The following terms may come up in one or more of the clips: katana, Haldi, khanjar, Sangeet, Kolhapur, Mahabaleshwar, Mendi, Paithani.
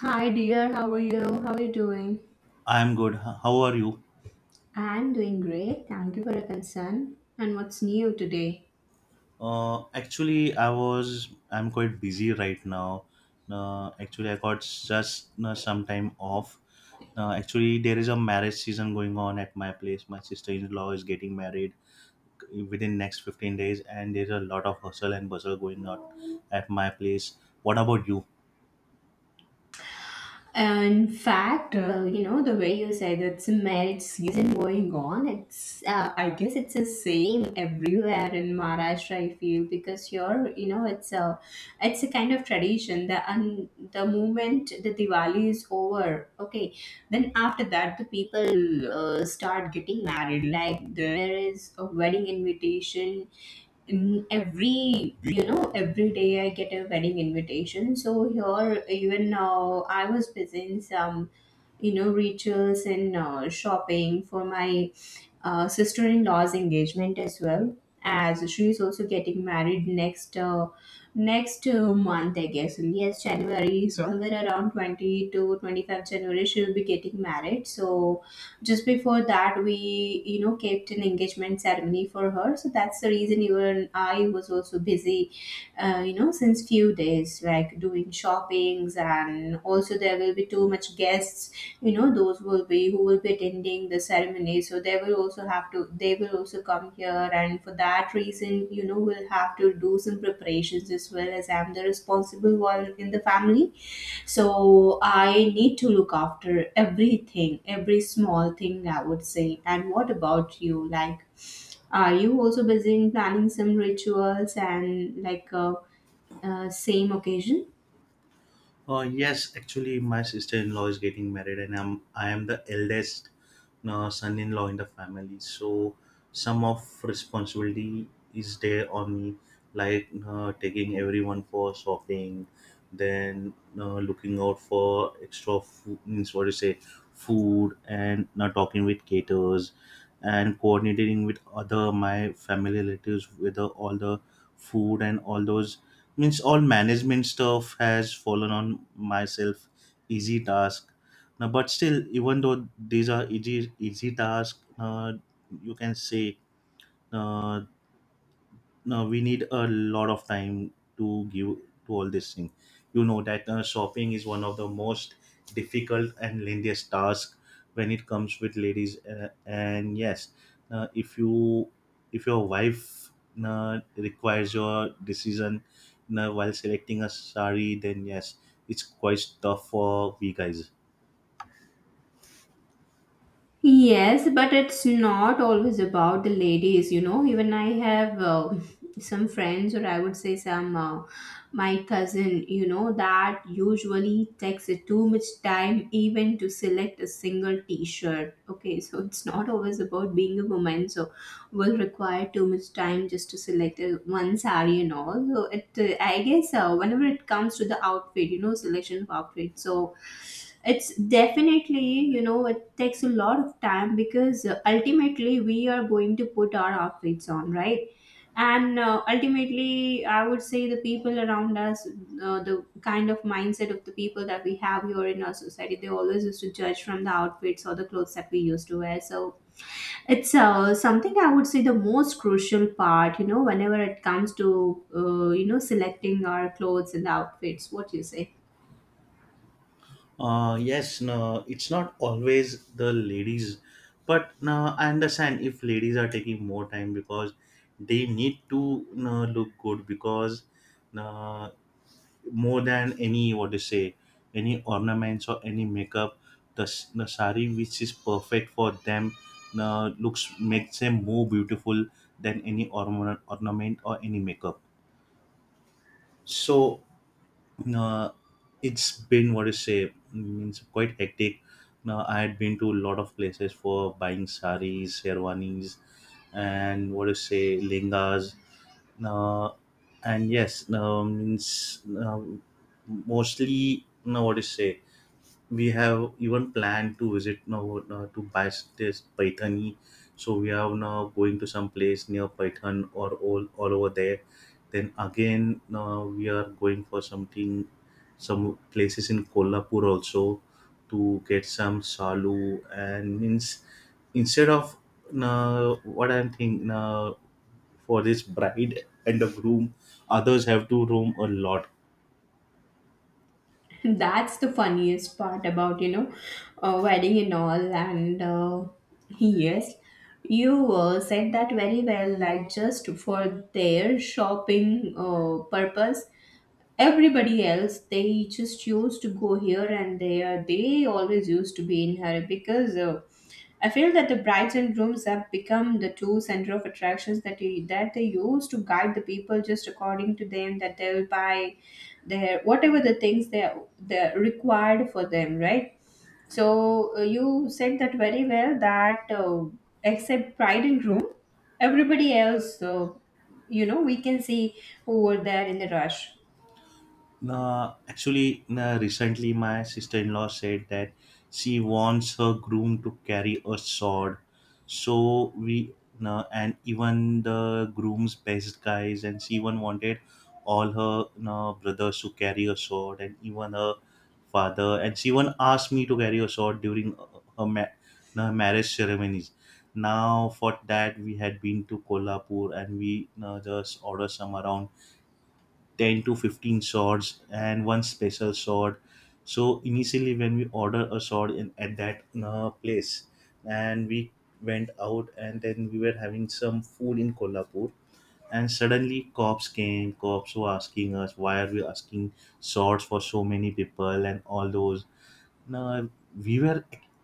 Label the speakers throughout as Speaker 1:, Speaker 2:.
Speaker 1: Hi dear, how are you? How are you doing?
Speaker 2: I'm good. How are you?
Speaker 1: I'm doing great. Thank you for your concern. And what's new today?
Speaker 2: Actually, I'm quite busy right now. Actually, I got just some time off. Actually, there is a marriage season going on at my place. My sister-in-law is getting married within next 15 days, and there's a lot of hustle and bustle going on at my place. What about you?
Speaker 1: In fact, you know the way you said, it's a marriage season going on. It's I guess it's the same everywhere in Maharashtra. I feel, because you're, it's a kind of tradition. The moment the Diwali is over, okay, then after that, the people start getting married. Like, there is a wedding invitation. Every you know every day I get a wedding invitation. So here, even now, I was busy in some rituals and shopping for my sister-in-law's engagement, as well as she is also getting married next month, I guess. Yes, January, somewhere around 20 to 25 January she will be getting married. So just before that, we kept an engagement ceremony for her. So that's the reason even I was also busy, since few days, like doing shoppings. And also, there will be too much guests. You know, those will be who will be attending the ceremony, so they will also have to, they will also come here. And for that reason, we'll have to do some preparations, as well as I'm the responsible one in the family. So I need to look after everything, every small thing, I would say. And what about you? Like, are you also busy in planning some rituals, and like, same occasion?
Speaker 2: Yes, actually, my sister-in-law is getting married, and I am the eldest son-in-law in the family. So some of responsibility is there on me, like taking everyone for shopping, then looking out for extra food, means what you say, food, and not talking with caterers, and coordinating with other my family relatives with the, all the food and all those means all management stuff has fallen on myself. Easy task now, but still, even though these are easy task, you can say, uh, now we need a lot of time to give to all this thing. You know that shopping is one of the most difficult and lengthiest task when it comes with ladies. And yes, if you if your wife requires your decision while selecting a sari, then yes, it's quite tough for we guys.
Speaker 1: Yes, but it's not always about the ladies. Even I have some friends, or I would say some my cousin, that usually takes too much time even to select a single t shirt. Okay, so it's not always about being a woman. So will require too much time just to select one saree and all. So it, I guess, whenever it comes to the outfit, selection of outfit. So it's definitely, it takes a lot of time, because ultimately we are going to put our outfits on, right? And ultimately, I would say the people around us, the kind of mindset of the people that we have here in our society, they always used to judge from the outfits or the clothes that we used to wear. So it's something I would say the most crucial part, whenever it comes to, selecting our clothes and outfits, what you say.
Speaker 2: Yes, no, it's not always the ladies, but no, I understand if ladies are taking more time because they need to no, look good, because no, more than any what to say any ornaments or any makeup, the the sari which is perfect for them, no, looks makes them more beautiful than any ornament or any makeup. So uh, it's been what to say means quite hectic. Now I had been to a lot of places for buying saris, sherwanis, and what to say lengas. Now and yes, now means now mostly now what to say we have even planned to visit now to buy this Paithani. So we are now going to some place near Python or all over there. Then again, we are going for something, some places in Kolhapur also to get some salu and means instead of, what I'm thinking, for this bride and the groom, others have to roam a lot.
Speaker 1: That's the funniest part about, wedding and all. And yes, you said that very well, like just for their shopping purpose. Everybody else, they just used to go here and there. They always used to be in hurry, because I feel that the brides and grooms have become the two center of attractions, that they use to guide the people just according to them, that they'll buy their whatever the things they're required for them, right? So you said that very well, that except bride and groom, everybody else, we can see who were there in the rush.
Speaker 2: Actually, recently my sister-in-law said that she wants her groom to carry a sword. So we, and even the groom's best guys, and she even wanted all her brothers to carry a sword, and even her father. And she even asked me to carry a sword during her, ma- her marriage ceremonies. Now, for that, we had been to Kolhapur, and we just ordered some around 10 to 15 swords and one special sword. So initially when we order a sword in at that place, and we went out, and then we were having some food in Kolhapur, and suddenly cops came. Cops were asking us why are we asking swords for so many people and all those. Now we were,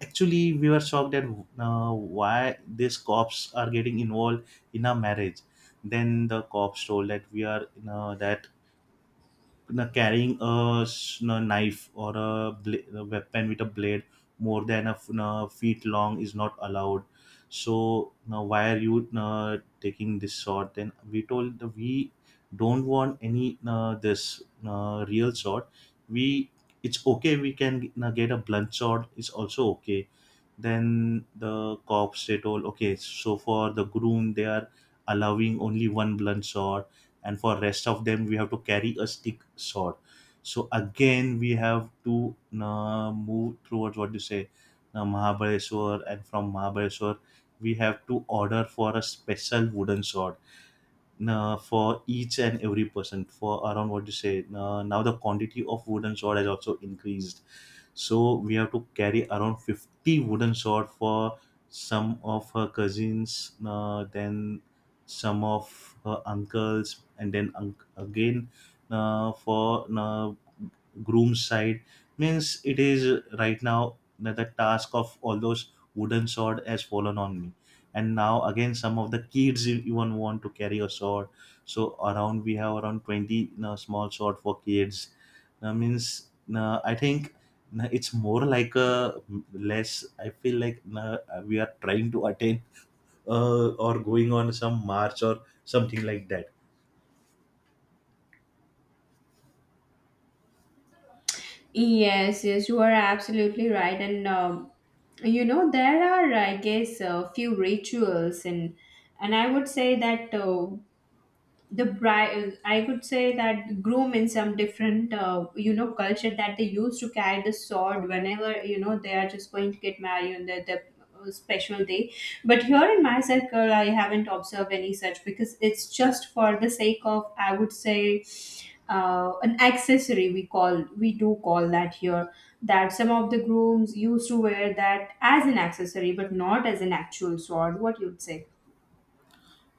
Speaker 2: actually we were shocked that why these cops are getting involved in our marriage. Then the cops told that, we are you know, that carrying a, knife or a, a weapon with a blade more than a, feet long is not allowed. So now why are you taking this sword? Then we told the- we don't want any this real sword, we it's okay, we can get a blunt sword. It's also okay. Then the cops they told, okay, so for the groom they are allowing only one blunt sword, and for rest of them we have to carry a stick sword. So again we have to move towards what you say, Mahabaleshwar, and from Mahabaleshwar we have to order for a special wooden sword for each and every person for around what you say. Uh, now the quantity of wooden sword has also increased, so we have to carry around 50 wooden sword for some of her cousins, then some of her uncles, and then unc again for groom's side. Means it is right now that the task of all those wooden sword has fallen on me. And now again some of the kids even want to carry a sword, so around we have around 20 you small sword for kids. That means, I think, no, it's more like a less. I feel like no, we are trying to attain, or going on some march or something like that.
Speaker 1: Yes, yes, you are absolutely right. And you know, there are, I guess, a few rituals, and I would say that the bride, I could say that groom, in some different culture, that they used to carry the sword whenever they are just going to get married on the special day. But here in my circle, I haven't observed any such, because it's just for the sake of, I would say, an accessory, we call, we do call that here, that some of the grooms used to wear that as an accessory, but not as an actual sword, what you'd say.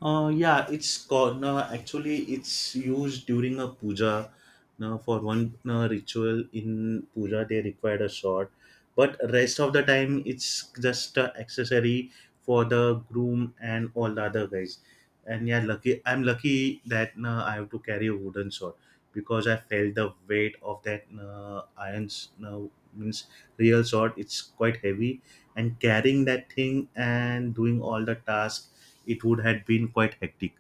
Speaker 2: Yeah, it's called, no, actually it's used during a puja. Now for one ritual in puja, they required a sword, but rest of the time it's just a accessory for the groom and all the other guys. And yeah, lucky I'm lucky that I have to carry a wooden sword, because I felt the weight of that iron, uh, means real sword. It's quite heavy, and carrying that thing and doing all the tasks, it would have been quite hectic,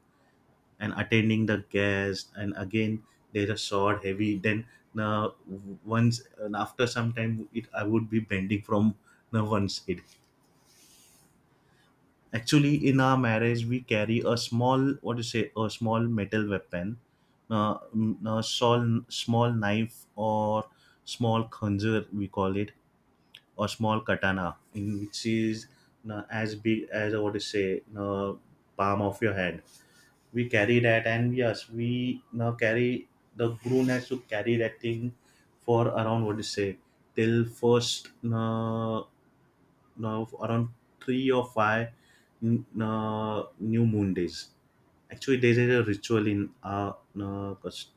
Speaker 2: and attending the guests, and again there is are sort heavy. Then uh, once and after some time it I would be bending from the one side. Actually in our marriage we carry a small what do you say a small metal weapon, a small knife or small khanjar we call it, or small katana in which is as big as what do you say palm of your hand. We carry that, and yes we now carry, the groom has to carry that thing for around what to say till first, now around three or five new moon days. Actually there is a ritual in our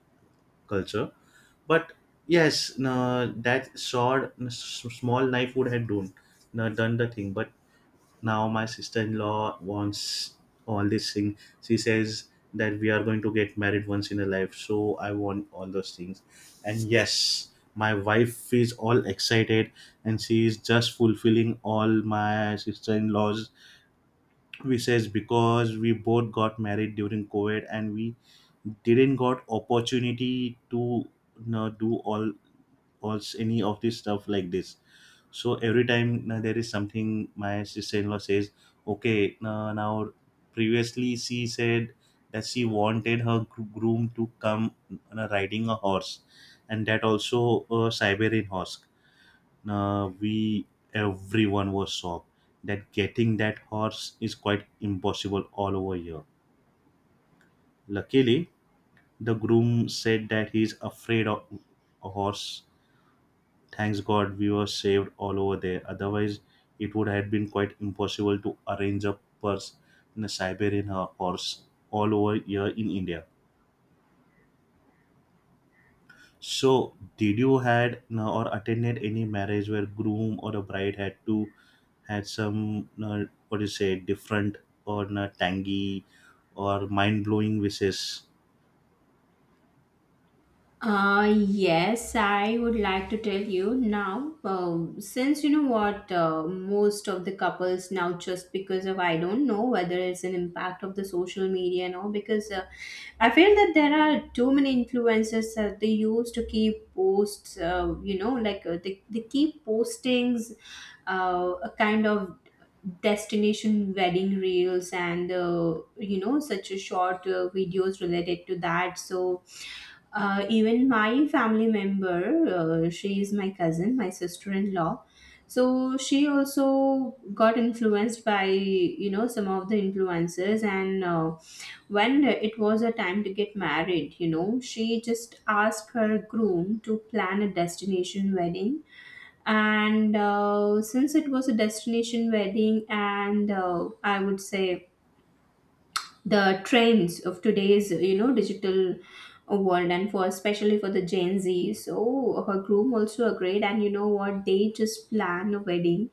Speaker 2: culture, but yes, that sword small knife would have done done the thing, but now my sister-in-law wants all these things. She says that we are going to get married once in a life, so I want all those things. And yes, my wife is all excited, and she is just fulfilling all my sister-in-law's wishes, because we both got married during COVID, and we didn't got opportunity to you know, do all any of this stuff like this. So every time there is something, my sister-in-law says, "Okay, now, now previously she said that she wanted her groom to come riding a horse, and that also a Siberian horse. Now we everyone was shocked that getting that horse is quite impossible all over here. Luckily, the groom said that he is afraid of a horse. Thanks God we were saved all over there. Otherwise, it would have been quite impossible to arrange a purse in a Siberian purse all over here in India. So, did you had or attended any marriage where groom or a bride had to had some what do you say different or tangy or mind blowing wishes?
Speaker 1: Yes, I would like to tell you now. Since you know what, most of the couples now, just because of, I don't know whether it's an impact of the social media and all, because I feel that there are too many influencers that they use to keep posts, like they keep postings, a kind of destination wedding reels, and such a short videos related to that. So even my family member, she is my cousin, my sister-in-law. So she also got influenced by, some of the influences, and when it was a time to get married, she just asked her groom to plan a destination wedding. And since it was a destination wedding, and I would say the trends of today's, digital world, and for, especially for the Gen Z, so her groom also agreed. And you know what, they just plan a wedding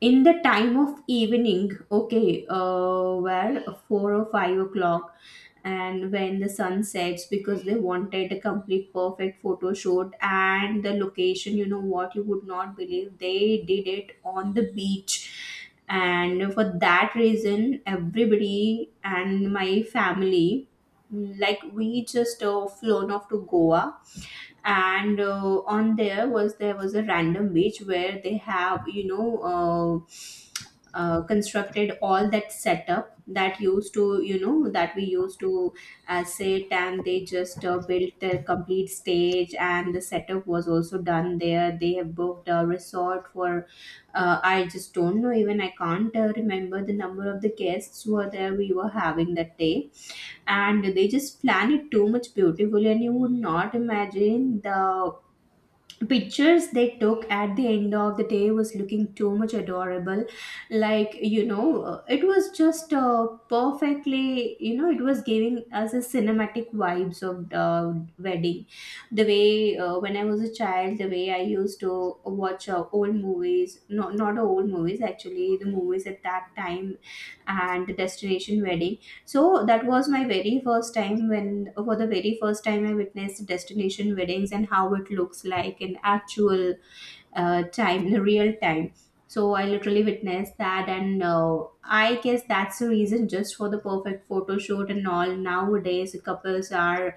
Speaker 1: in the time of evening, okay, where 4 or 5 o'clock, and when the sun sets, because they wanted a complete perfect photo shoot. And the location, you know what, you would not believe, they did it on the beach. And for that reason, everybody and my family, like we just flown off to Goa. And on, there was a random beach where they have, constructed all that setup that used to, that we used to sit. And they just built the complete stage, and the setup was also done there. They have booked a resort for, I just don't know, even I can't remember the number of the guests who were there, we were having that day. And they just plan it too much beautifully, and you would not imagine, the pictures they took at the end of the day was looking too much adorable. Like, it was just perfectly, it was giving us a cinematic vibes of wedding, the way when I was a child, the way I used to watch old movies. No, not old movies, actually the movies at that time, and the destination wedding. So that was my very first time when, for the very first time, I witnessed destination weddings, and how it looks like in actual time, in real time. So I literally witnessed that, and I guess that's the reason. Just for the perfect photo shoot and all, nowadays couples are,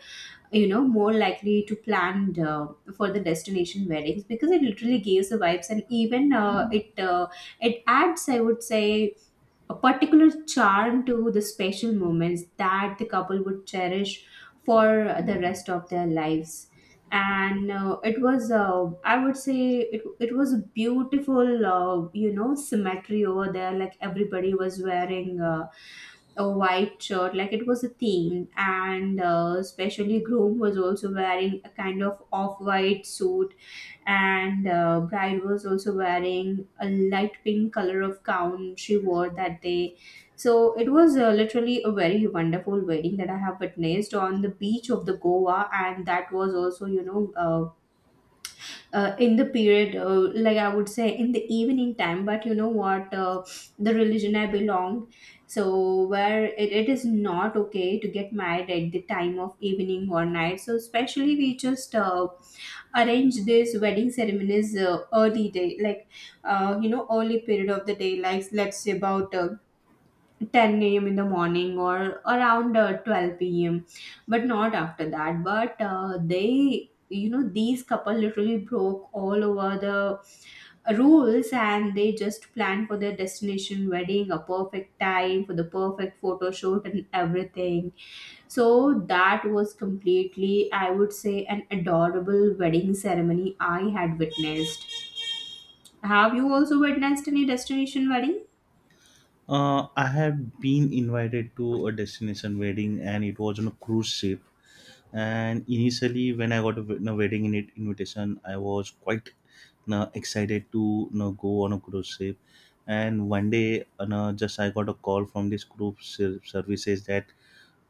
Speaker 1: more likely to plan, for the destination weddings, because it literally gives the vibes. And even it it adds, I would say, a particular charm to the special moments that the couple would cherish for the rest of their lives. And it was, I would say, it was a beautiful symmetry over there. Like, everybody was wearing a white shirt, like it was a theme. And especially groom was also wearing a kind of off-white suit, and bride was also wearing a light pink color of gown she wore that day. So it was literally a very wonderful wedding that I have witnessed on the beach of the Goa. And that was also, in the period, like I would say, in the evening time. But you know what, the religion I belonged, so where it is not okay to get married at the time of evening or night. So especially we just arrange these wedding ceremonies early day, like, early period of the day, like let's say about 10 a.m. in the morning, or around 12 p.m., but not after that. But they, these couple literally broke all over the rules, and they just planned for their destination wedding, a perfect time for the perfect photo shoot and everything. So that was completely, I would say, an adorable wedding ceremony I had witnessed. Have you also witnessed any destination wedding?
Speaker 2: I have been invited to a destination wedding, and it was on a cruise ship. And initially when I got a no, wedding invitation, I was quite no, excited to no, go on a cruise ship. And one day no, just I got a call from this group services that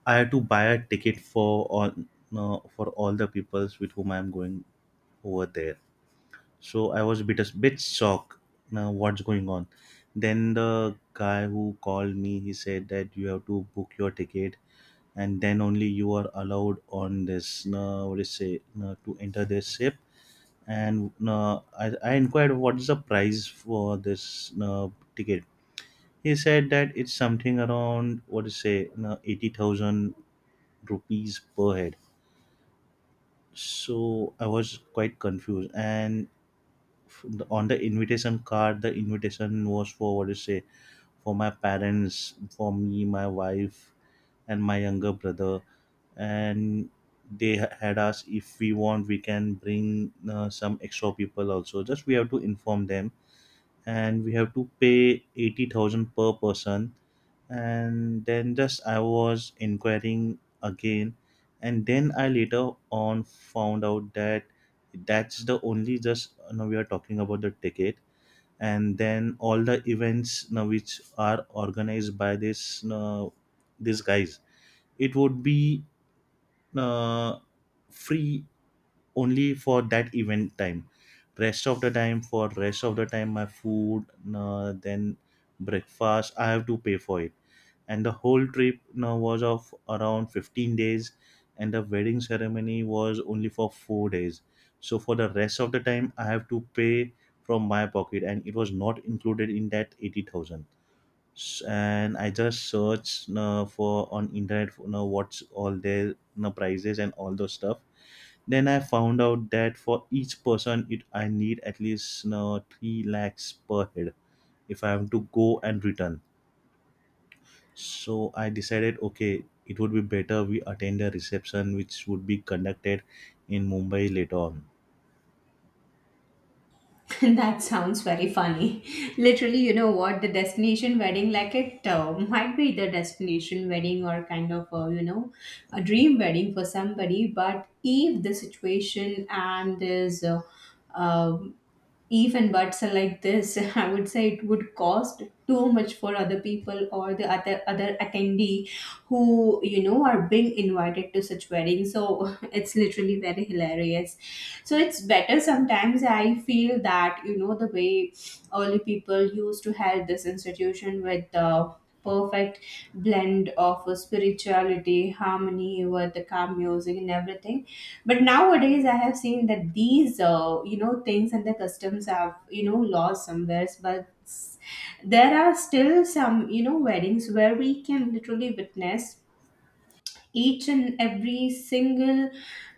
Speaker 2: I had to buy a ticket for all, no, for all the peoples with whom I'm going over there. So I was a bit shocked, now what's going on. Then the guy who called me he said that you have to book your ticket, and then only you are allowed on this what do you say to enter this ship. And I inquired what is the price for this ticket. He said that it's something around what do you say 80,000 rupees per head. So I was quite confused, and on the invitation card the invitation was for what do you say, for my parents, for me, my wife, and my younger brother. And they had us if we want we can bring some extra people also, just we have to inform them, and we have to pay 80,000 per person. And then just I was inquiring again, and then I later on found out that that's the only just now we are talking about the ticket, and then all the events now which are organized by this these guys, it would be uh, free only for that event time. Rest of the time, for rest of the time, my food then breakfast I have to pay for it. And the whole trip was of around 15 days, and the wedding ceremony was only for 4 days. So for the rest of the time I have to pay from my pocket, and it was not included in that 80,000. And I just searched for on internet for, you know, what's all their you know, prices and all those stuff. Then I found out that for each person, it I need at least you know, 3 lakhs per head if I am to go and return. So I decided, okay, it would be better we attend a reception which would be conducted in Mumbai later on.
Speaker 1: That sounds very funny. Literally, you know what? The destination wedding, like, it might be the destination wedding, or kind of, a dream wedding for somebody. But if the situation and is um if and buts are like this, I would say it would cost too much for other people, or the other attendee who, are being invited to such weddings. So it's literally very hilarious. So it's better, sometimes I feel that the way early people used to have this institution with the perfect blend of spirituality, harmony, with the calm music and everything. But nowadays I have seen that these things and the customs have lost somewhere. But there are still some weddings where we can literally witness each and every single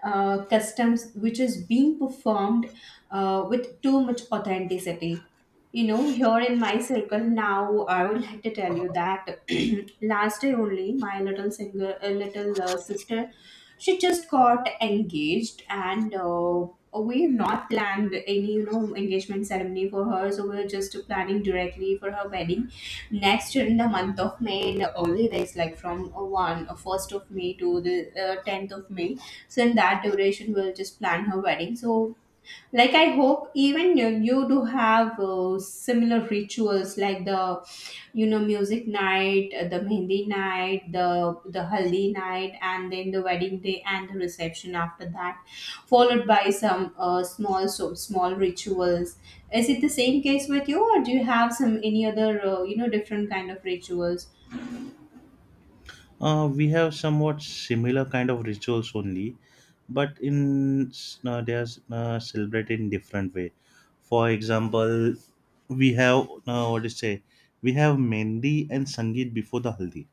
Speaker 1: customs which is being performed with too much authenticity. Here in my circle, now I would like to tell you that last day only, my little singer little sister, she just got engaged. And we have not planned any engagement ceremony for her, so we are just planning directly for her wedding. Next, in the month of May, in the early days, like from one first of May to the 10th of May, so in that duration, we'll just plan her wedding. So, like, I hope even you do have similar rituals, like the music night, the mehndi night, the haldi night, and then the wedding day and the reception after that, followed by some small rituals. Is it the same case with you, or do you have some any other different kind of rituals?
Speaker 2: We have somewhat similar kind of rituals only, but in they are celebrated in different way. For example, we have what do say? We have Mendi and Sangeet before the Haldi.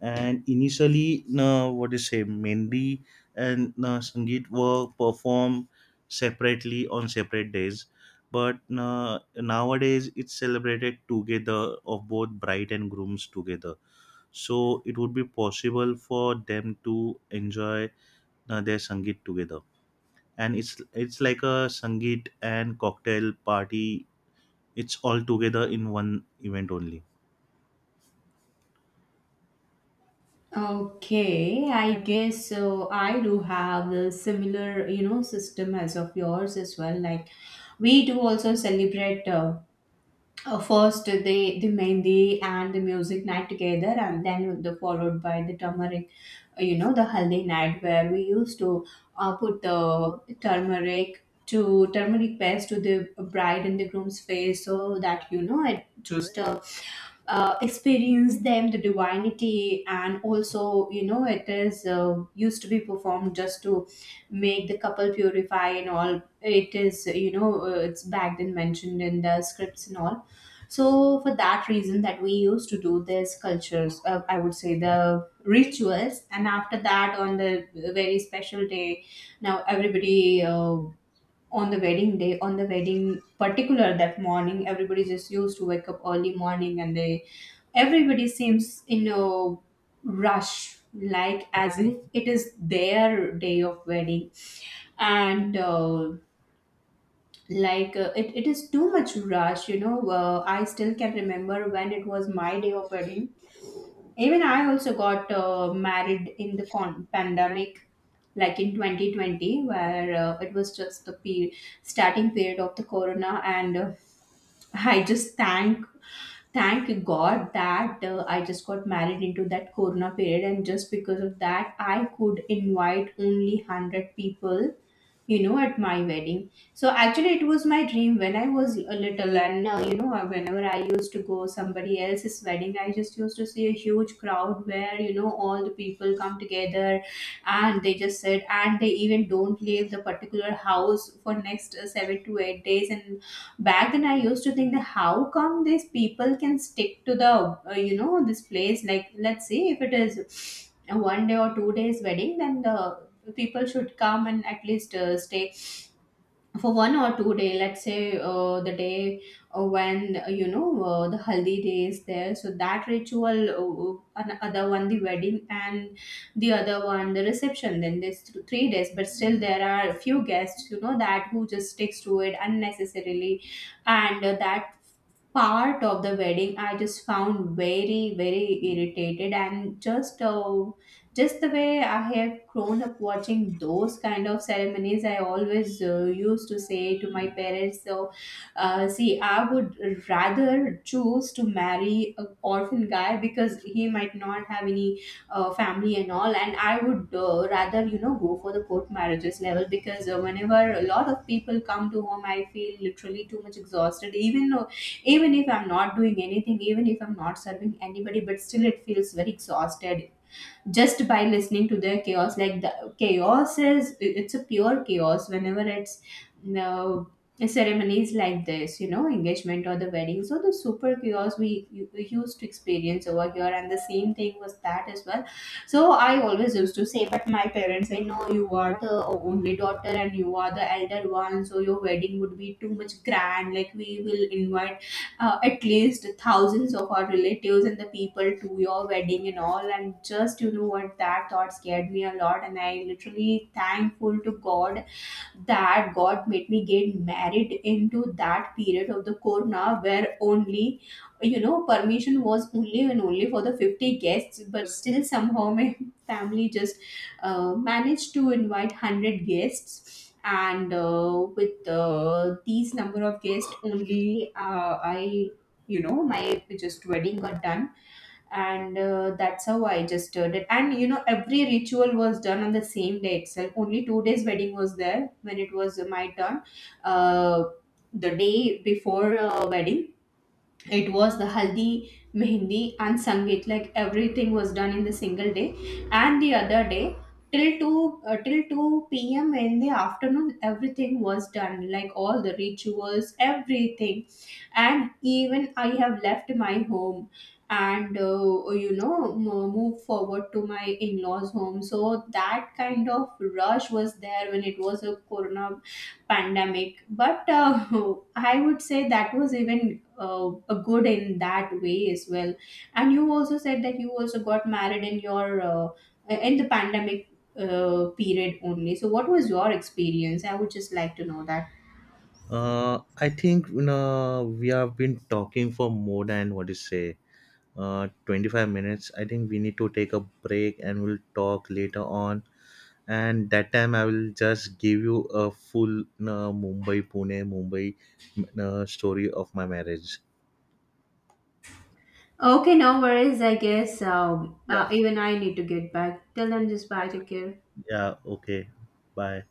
Speaker 2: And initially, what do you say? Mendi and Sangeet were performed separately on separate days. But nowadays, it's celebrated together of both bride and grooms together, so it would be possible for them to enjoy their sangeet together. And it's like a sangeet and cocktail party, it's all together in one event only.
Speaker 1: Okay, I guess so. I do have a similar, system as of yours as well. Like, we do also celebrate. First, they the mehndi and the music night together, and then the followed by the turmeric, the haldi night, where we used to put the turmeric, to turmeric paste, to the bride and the groom's face, so that you know it to stir, experience them the divinity. And also you know it is used to be performed just to make the couple purify and all. It is it's back then mentioned in the scripts and all. So for that reason that we used to do these cultures, I would say the rituals. And after that, on the very special day, now everybody on the wedding day, on the wedding particular that morning, everybody just used to wake up early morning, and they everybody seems in a rush, like as if it is their day of wedding. And it is too much rush. I still can remember when it was my day of wedding. Even I also got married in the pandemic, like in 2020, where it was just the starting period of the corona. And I just thank God that I just got married into that corona period, and just because of that, I could invite only 100 people at my wedding. So actually, it was my dream when I was a little, and whenever I used to go somebody else's wedding, I just used to see a huge crowd where all the people come together, and they just sit, and they even don't leave the particular house for next 7 to 8 days. And back then, I used to think that how come these people can stick to the this place. Like, let's see, if it is a one day or 2 days wedding, then the people should come and at least stay for one or two day. Let's say the day when you know the haldi day is there, so that ritual, other one the wedding and the other one the reception, then there's 3 days. But still there are few guests, that who just sticks to it unnecessarily. And that part of the wedding, I just found very very irritated. And just the way I have grown up watching those kind of ceremonies, I always used to say to my parents, so see, I would rather choose to marry an orphan guy, because he might not have any family and all. And I would rather go for the court marriages level, because whenever a lot of people come to home, I feel literally too much exhausted. Even even if I'm not doing anything, even if I'm not serving anybody, but still it feels very exhausted, just by listening to their chaos. Like, the chaos is, it's a pure chaos, whenever it's no ceremonies like this, engagement or the wedding. So the super chaos we used to experience over here, and the same thing was that as well. So I always used to say, but my parents say, no, you are the only daughter and you are the elder one, so your wedding would be too much grand. Like, we will invite at least thousands of our relatives and the people to your wedding and all. And just you know what, that thought scared me a lot. And I literally thankful to God that God made me get married into that period of the corona, where only permission was only and only for the 50 guests. But still, somehow my family just managed to invite 100 guests, and with these number of guests only, I, my just wedding got done. And that's how I just did it. And you know, every ritual was done on the same day itself. Only 2 days wedding was there when it was my turn. uh, the day before wedding, it was the haldi, mehndi, and sangeet. Like, everything was done in the single day. And the other day, till 2 p.m. in the afternoon, everything was done, like all the rituals, everything. And even I have left my home and move forward to my in-laws home. So that kind of rush was there when it was a corona pandemic. But I would say that was even a good in that way as well. And you also said that you also got married in your in the pandemic period only. So what was your experience? I would just like to know that.
Speaker 2: I think we have been talking for more than what is say 25 minutes. I think we need to take a break and we'll talk later on, and that time I will just give you a full Mumbai Pune Mumbai story of my marriage.
Speaker 1: Okay, no worries. I guess
Speaker 2: Yeah.
Speaker 1: even I need to get back. Till then, just bye. Take care.
Speaker 2: Yeah, okay. Bye.